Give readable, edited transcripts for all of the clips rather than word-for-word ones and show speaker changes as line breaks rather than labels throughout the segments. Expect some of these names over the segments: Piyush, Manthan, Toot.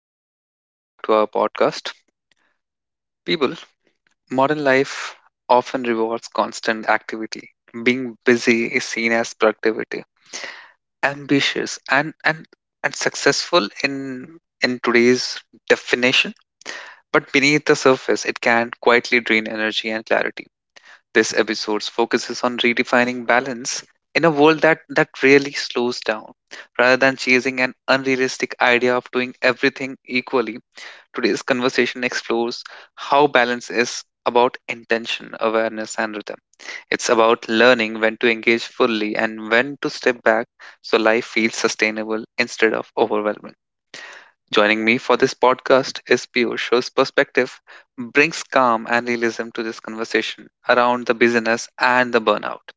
everyone. Welcome back to our podcast. People, modern life often rewards constant activity. Being busy is seen as productivity, ambitious, and successful in today's definition. But beneath the surface, it can quietly drain energy and clarity. This episode focuses on redefining balance in a world that really slows down, rather than chasing an unrealistic idea of doing everything equally. Today's conversation explores how balance is about intention, awareness, and rhythm. It's about learning when to engage fully and when to step back so life feels sustainable instead of overwhelming. Joining me for this podcast is Piyush, whose perspective brings calm and realism to this conversation around the busyness and the burnout.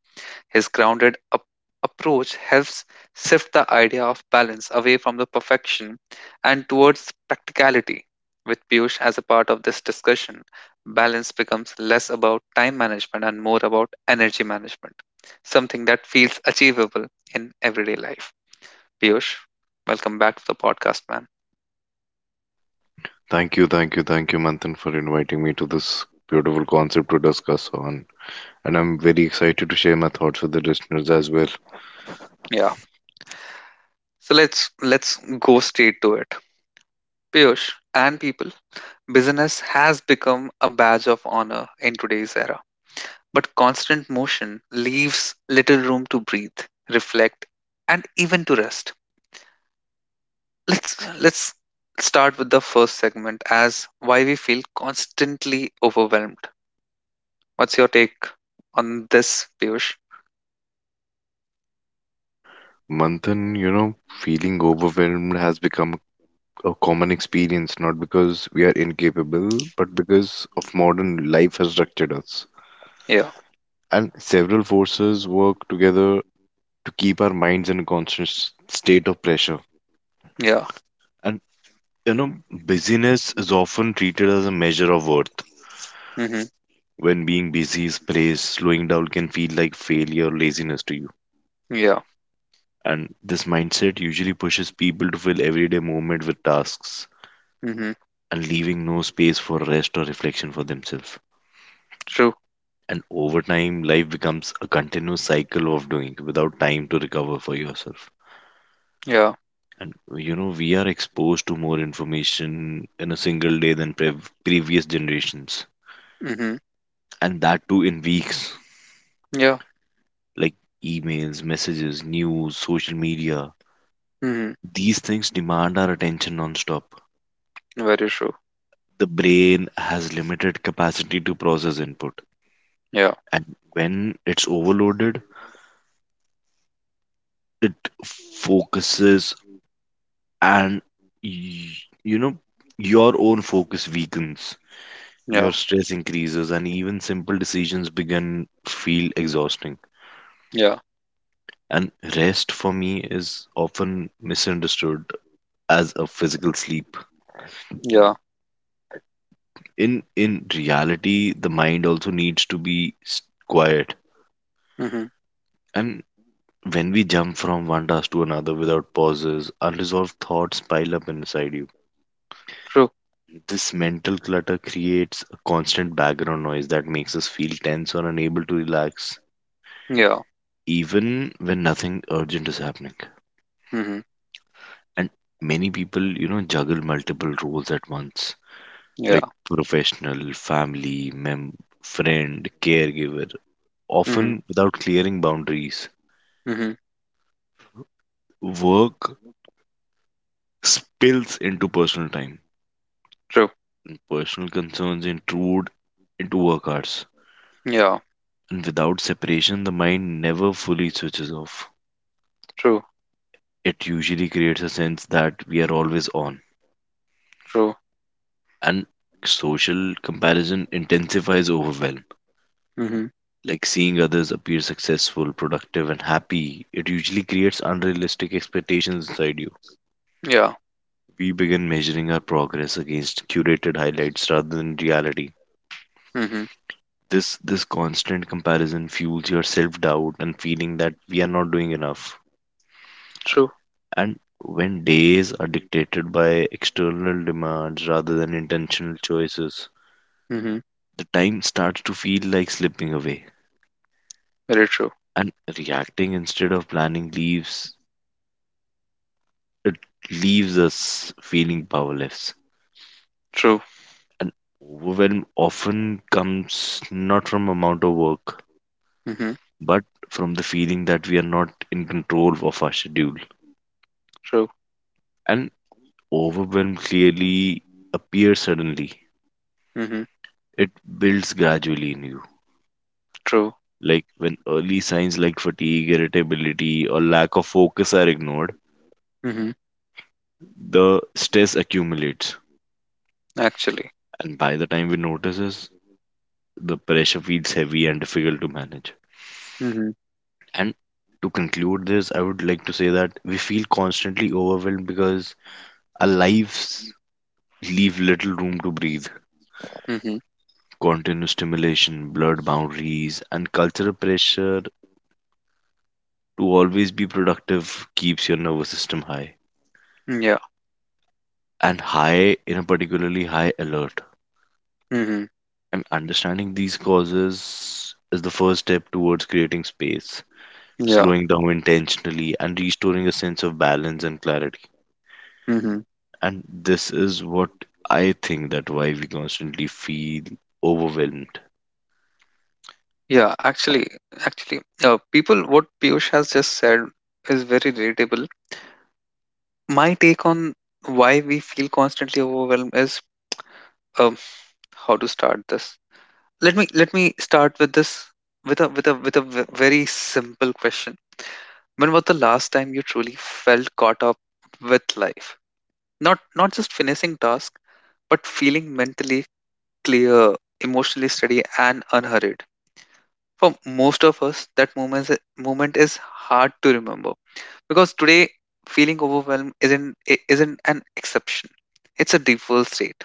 His grounded approach helps shift the idea of balance away from the perfection and towards practicality. With Piyush as a part of this discussion, balance becomes less about time management and more about energy management, something that feels achievable in everyday life. Piyush, welcome back to the podcast, man.
Thank you, Manthan, for inviting me to this beautiful concept to discuss on. And I'm very excited to share my thoughts with the listeners as well.
Yeah. So let's go straight to it. Piyush and people, business has become a badge of honor in today's era. But constant motion leaves little room to breathe, reflect, and even to rest. Let's start with the first segment as why we feel constantly overwhelmed. What's your take on this, Piyush?
Manthan, feeling overwhelmed has become a common experience, not because we are incapable, but because of modern life has structured us.
Yeah,
And several forces work together to keep our minds in a constant state of pressure.
yeah,
And, busyness is often treated as a measure of worth.
mm-hmm,
When being busy is praised, slowing down can feel like failure or laziness to you.
yeah,
And this mindset usually pushes people to fill everyday movement with tasks
mm-hmm,
and leaving no space for rest or reflection for themselves.
true,
And over time, life becomes a continuous cycle of doing without time to recover for yourself.
yeah,
And we are exposed to more information in a single day than previous generations,
mm-hmm,
and that too in weeks,
yeah,
like emails, messages, news, social media.
mm-hmm,
These things demand our attention nonstop.
very true,
The brain has limited capacity to process input,
yeah,
and when it's overloaded, it focuses and y- you know your own focus weakens.
yeah,
Your stress increases, and even simple decisions begin feel exhausting.
yeah,
And rest for me is often misunderstood as a physical sleep.
yeah,
In reality, the mind also needs to be quiet.
mm-hmm,
And when we jump from one task to another without pauses, unresolved thoughts pile up inside you.
true,
This mental clutter creates a constant background noise that makes us feel tense or unable to relax,
yeah,
even when nothing urgent is happening.
mm-hmm,
And many people, juggle multiple roles at once,
yeah,
like professional, family, friend, caregiver,
mm-hmm,
often without clearing boundaries.
mm-hmm,
Work spills into personal time
true,
and personal concerns intrude into work hours.
yeah,
And without separation, the mind never fully switches off.
true,
It usually creates a sense that we are always on.
true,
And social comparison intensifies overwhelm.
mm-hmm,
Like seeing others appear successful, productive, and happy, it usually creates unrealistic expectations inside you.
yeah.
We begin measuring our progress against curated highlights rather than reality.
Mhm.
This constant comparison fuels your self doubt and feeling that we are not doing enough.
True.
And when days are dictated by external demands rather than intentional choices,
Mhm.
the time starts to feel like slipping away.
Very true.
And reacting instead of planning leaves it leaves us feeling powerless.
True.
And overwhelm often comes not from amount of work,
Mhm.
but from the feeling that we are not in control of our schedule.
True.
And overwhelm clearly appears suddenly.
Mhm.
It builds gradually in you.
True.
Like when early signs like fatigue, irritability, or lack of focus are ignored,
Mhm.
the stress accumulates.
Actually.
And by the time we notice this, the pressure feels heavy and difficult to manage.
Mhm.
And to conclude this, I would like to say that we feel constantly overwhelmed because our lives leave little room to breathe.
Mhm.
Continuous stimulation, blurred boundaries, and cultural pressure to always be productive keeps your nervous system high
Yeah.
and high in a particularly high alert.
Mhm.
And understanding these causes is the first step towards creating space,
Yeah.
slowing down intentionally, and restoring a sense of balance and clarity.
Mhm.
And this is what I think that why we constantly feel overwhelmed.
Yeah. Actually, people, what Piyush has just said is very relatable. My take on why we feel constantly overwhelmed is um, how to start this. Let me start with this with a very simple question. When was the last time you truly felt caught up with life? Not just finishing task, but feeling mentally clear, emotionally steady, and unhurried. For most of us, that moment is hard to remember, because today feeling overwhelmed isn't an exception. It's a default state.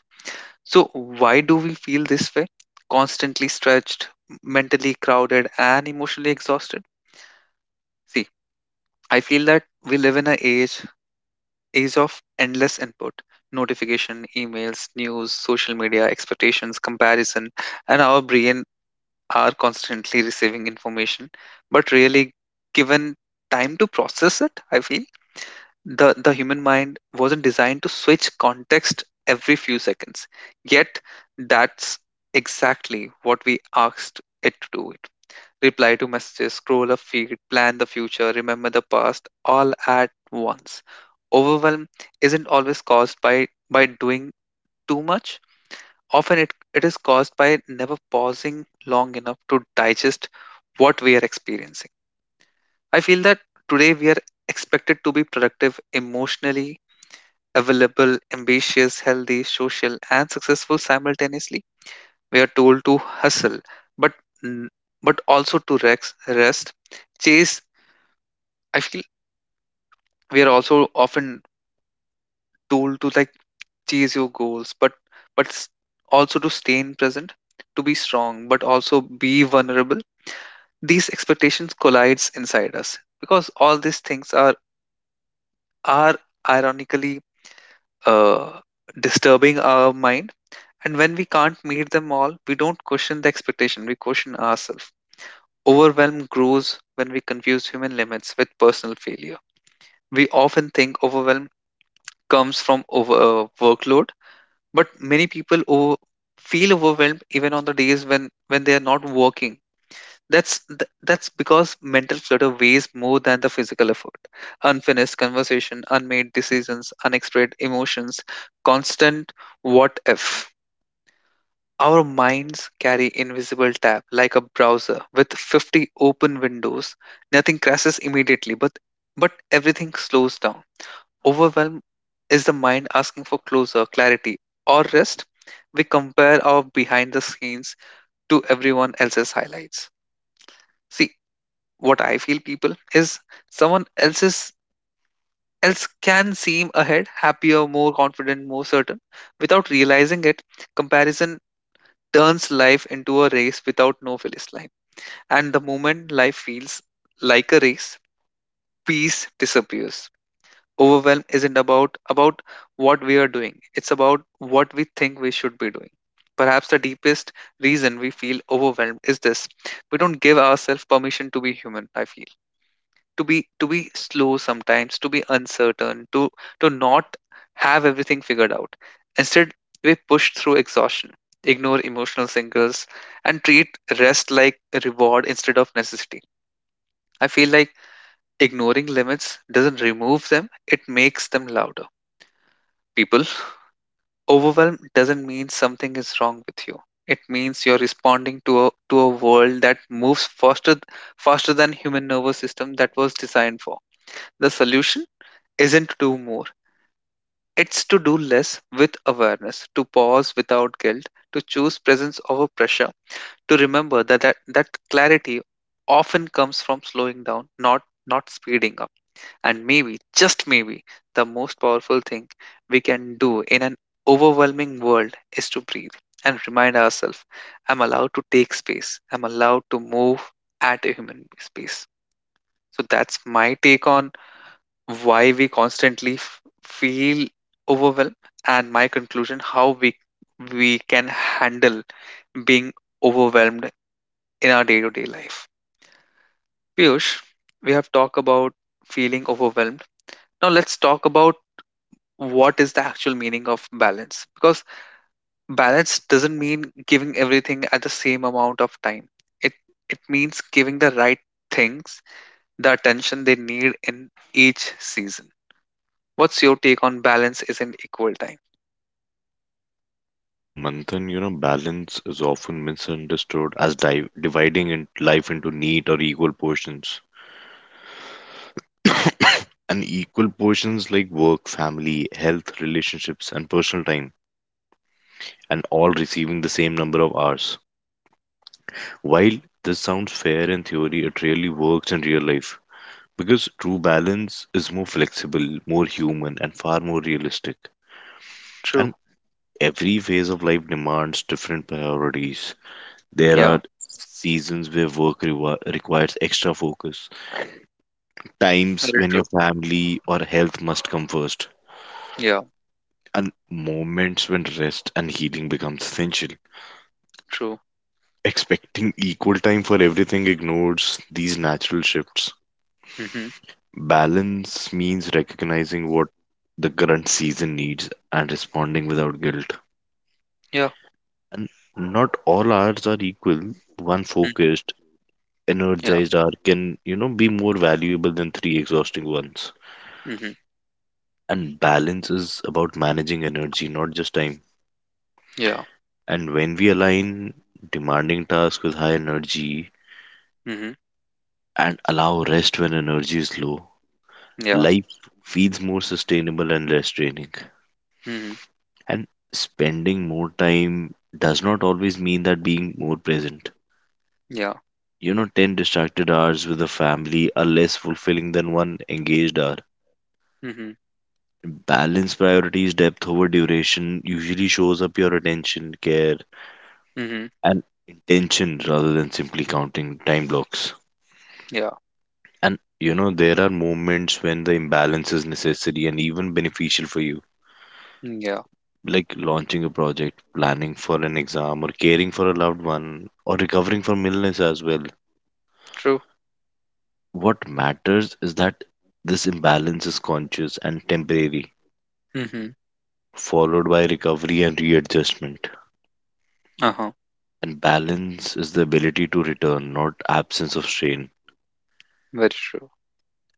So why do we feel this way? Constantly stretched, mentally crowded, and emotionally exhausted. See, I feel that we live in an age of endless input, notification, emails, news, social media, expectations, comparison, and our brain are constantly receiving information, but really given time to process it. I feel the human mind wasn't designed to switch context every few seconds, yet that's exactly what we asked it to do: reply to messages, scroll a feed, plan the future, remember the past, all at once. Overwhelm isn't always caused by doing too much. Often it is caused by never pausing long enough to digest what we are experiencing. I feel that today we are expected to be productive, emotionally available, ambitious, healthy, social, and successful simultaneously. We are told to hustle, but n- but also to rest, chase. I feel we are also often told to, like, chase your goals, but also to stay in present, to be strong, but also be vulnerable. These expectations collides inside us because all these things are ironically uh, disturbing our mind. And when we can't meet them all, we don't question the expectation; we question ourselves. Overwhelm grows when we confuse human limits with personal failure. We often think overwhelm comes from over workload, but many people feel overwhelmed even on the days when they are not working. That's because mental clutter weighs more than the physical effort. Unfinished conversation, unmade decisions, unexpressed emotions, constant what if. Our minds carry invisible tab like a browser with 50 open windows. Nothing crashes immediately, but everything slows down. Overwhelm is the mind asking for closure, clarity, or rest. We compare our behind the scenes to everyone else's highlights. See, what I feel people is someone else can seem ahead, happier, more confident, more certain. Without realizing it, comparison turns life into a race without no finish line. And the moment life feels like a race, peace disappears. Overwhelm isn't about what we are doing, it's about what we think we should be doing. Perhaps the deepest reason we feel overwhelmed is this: we don't give ourselves permission to be human. I feel, to be slow sometimes, to be uncertain, to not have everything figured out. Instead, we push through exhaustion, ignore emotional signals, and treat rest like a reward instead of necessity. I feel like ignoring limits doesn't remove them, it makes them louder. People, overwhelm doesn't mean something is wrong with you. It means you're responding to a world that moves faster than human nervous system that was designed for. The solution isn't to do more. It's to do less with awareness, to pause without guilt, to choose presence over pressure, to remember that clarity often comes from slowing down, not speeding up. And maybe, just maybe, the most powerful thing we can do in an overwhelming world is to breathe and remind ourselves, I'm allowed to take space, I'm allowed to move at a human space. So that's my take on why we constantly feel overwhelmed, and my conclusion how we can handle being overwhelmed in our day-to-day life. Piyush, we have talked about feeling overwhelmed. Now let's talk about what is the actual meaning of balance, because balance doesn't mean giving everything at the same amount of time, it it means giving the right things the attention they need in each season. What's your take on balance isn't equal time?
Manthan, balance is often misunderstood as dividing in life into neat or equal portions. And equal portions like work, family, health, relationships, and personal time, and all receiving the same number of hours. While this sounds fair in theory, it really works in real life because true balance is more flexible, more human, and far more realistic.
True,
And every phase of life demands different priorities. There are
yeah,
seasons where work requires extra focus, times
very
when your
true,
family or health must come first,
yeah,
and moments when rest and healing becomes essential.
true,
Expecting equal time for everything ignores these natural shifts.
mhm,
Balance means recognizing what the current season needs and responding without guilt.
yeah,
And not all hours are equal. One
mhm,
focused,
yeah,
energized hour can, be more valuable than three exhausting ones.
mhm,
And balance is about managing energy, not just time.
yeah,
And when we align demanding tasks with high energy
mhm,
and allow rest when energy is low,
yeah,
life feels more sustainable and less draining.
mhm,
And spending more time does not always mean that being more present.
yeah,
You know, 10 distracted hours with a family are less fulfilling than one engaged hour.
mhm,
Balance priorities, depth over duration usually shows up your attention, care,
mhm,
and intention rather than simply counting time blocks.
yeah,
And there are moments when the imbalance is necessary and even beneficial for you,
mm, yeah,
like launching a project, planning for an exam, or caring for a loved one, or recovering from illness as well.
true,
What matters is that this imbalance is conscious and temporary,
mhm,
followed by recovery and readjustment.
uh-huh,
And balance is the ability to return, not absence of strain.
very true,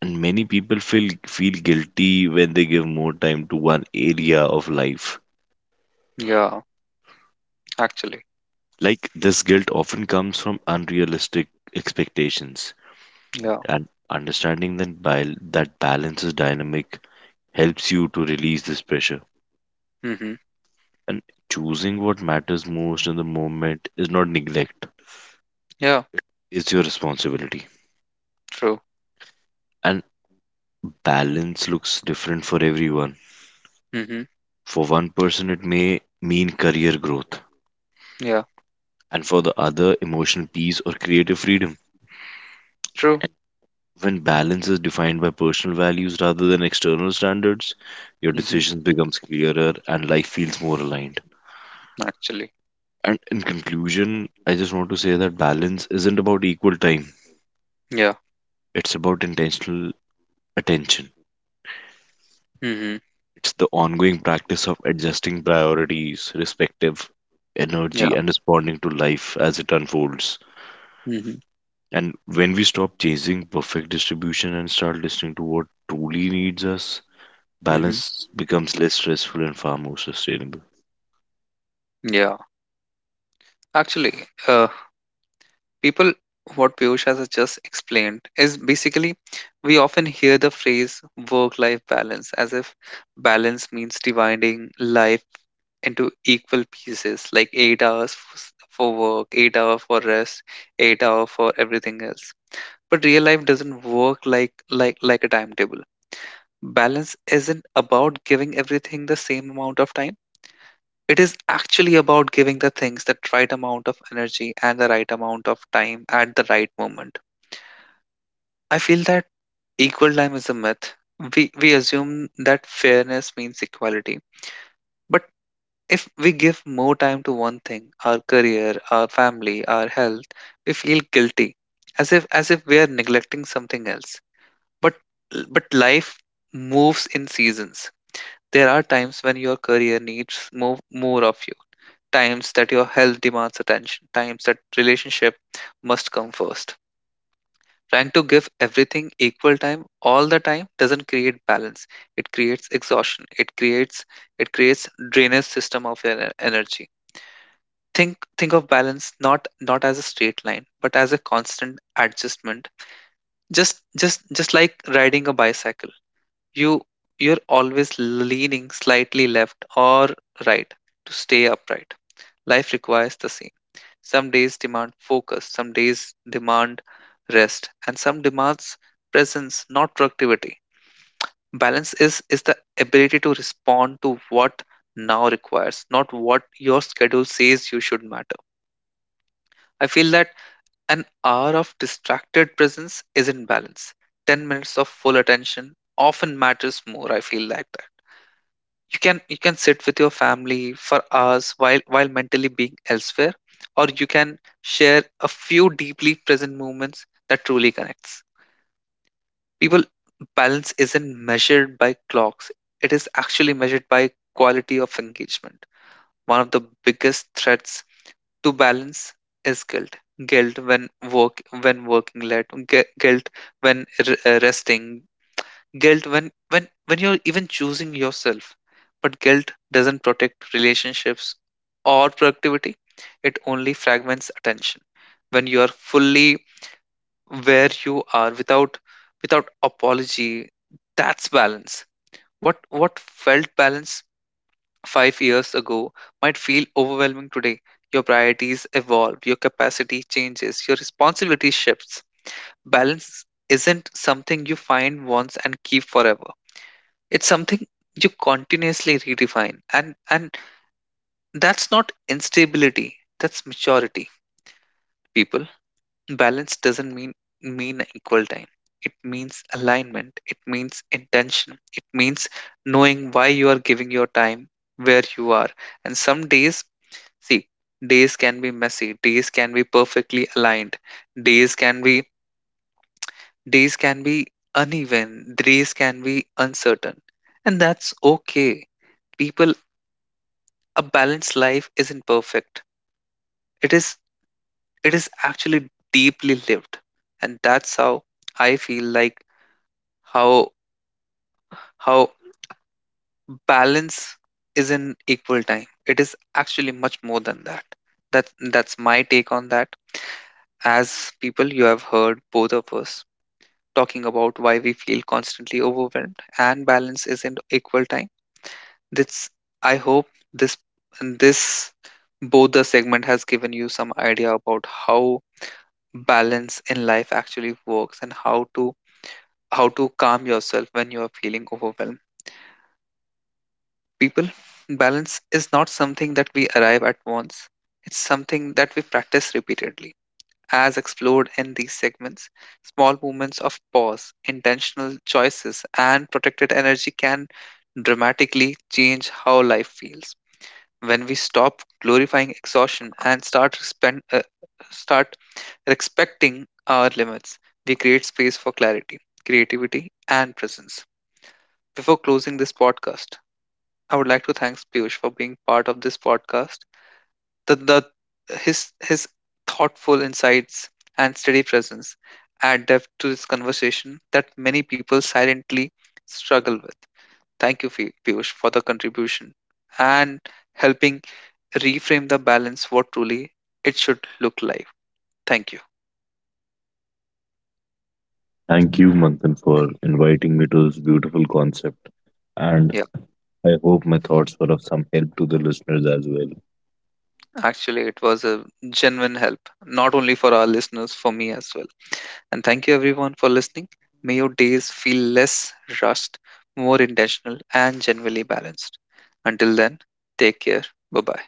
And many people feel guilty when they give more time to one area of life.
yeah, actually,
Like this guilt often comes from unrealistic expectations.
yeah,
And understanding that balance is dynamic helps you to release this pressure.
mhm.
And choosing what matters most in the moment is not neglect,
Yeah,
it's your responsibility.
true.
And balance looks different for everyone.
Mm-hmm.
For one person, it may mean career growth,
Yeah,
and for the other, emotional peace or creative freedom.
true.
When balance is defined by personal values rather than external standards, your
Mm-hmm.
decisions becomes clearer and life feels more aligned.
Actually,
And in conclusion, I just want to say that balance isn't about equal time.
yeah.
It's about intentional attention.
Mm-hmm.
It's the ongoing practice of adjusting priorities, respective
Yeah.
energy, and responding to life as it unfolds.
Mm-hmm.
And when we stop chasing perfect distribution and start listening to what truly needs us,
Mm-hmm.
balance becomes less stressful and far more sustainable.
Yeah. Actually, uh, people, what Piyush has just explained is basically, we often hear the phrase work-life balance as if balance means dividing life into equal pieces, like 8 hours for work, 8 hour for rest, 8 hour for everything else. But real life doesn't work like a timetable. Balance isn't about giving everything the same amount of time. It is actually about giving the things that right amount of energy and the right amount of time at the right moment. I feel that equal time is a myth. We assume that fairness means equality. But if we give more time to one thing, our career, our family, our health, we feel guilty, as if we are neglecting something else. But but life moves in seasons. There are times when your career needs more of you, times that your health demands attention, times that relationship must come first. Trying to give everything equal time all the time doesn't create balance. It creates exhaustion. It creates drainage system of your energy. Think of balance not as a straight line, but as a constant adjustment. Just like riding a bicycle, you you're always leaning slightly left or right to stay upright. Life requires the same. Some days demand focus, some days demand rest, and some demands presence, not productivity. Balance is the ability to respond to what now requires, not what your schedule says you should matter. I feel that an hour of distracted presence isn't balance. 10 minutes of full attention often matters more. I feel like that you can sit with your family for hours, while mentally being elsewhere, or you can share a few deeply present moments that truly connects. People, balance isn't measured by clocks. It is actually measured by quality of engagement. One of the biggest threats to balance is guilt. Guilt when working late, guilt when resting, guilt when you're even choosing yourself. But guilt doesn't protect relationships or productivity, it only fragments attention. When you are fully where you are, without apology, that's balance. What felt balance 5 years ago might feel overwhelming today. Your priorities evolve, your capacity changes, your responsibility shifts. Balance isn't something you find once and keep forever. It's something you continuously redefine. And that's not instability, that's maturity. People, balance doesn't mean equal time. It means alignment. It means intention. It means knowing why you are giving your time where you are. And some days, see, days can be messy. Days can be perfectly aligned. Days can be days can be uneven. Days can be uncertain. And that's okay, people. A balanced life isn't perfect, it is it is actually deeply lived. And that's how I feel like, how how balance isn't equal time. It is actually much more than that. That's my take on that. As people, you have heard both of us talking about why we feel constantly overwhelmed and balance isn't equal time. That's, I hope, this this both the segment has given you some idea about how balance in life actually works and how to calm yourself when you are feeling overwhelmed. People, balance is not something that we arrive at once, it's something that we practice repeatedly. As explored in these segments, small moments of pause, intentional choices, and protected energy can dramatically change how life feels. When we stop glorifying exhaustion and start respecting our limits, we create space for clarity, creativity, and presence. Before closing this podcast, I would like to thank Piyush for being part of this podcast. The his thoughtful insights and steady presence add depth to this conversation that many people silently struggle with. Thank you, Piyush, for the contribution and helping reframe the balance what truly it should look like. Thank you.
Thank you, Manthan, for inviting me to this beautiful concept. And
Yeah,
I hope my thoughts were of some help to the listeners as well.
actually, it was a genuine help, not only for our listeners, for me as well. And thank you, everyone, for listening. May your days feel less rushed, more intentional, and genuinely balanced. Until then, take care. Bye bye.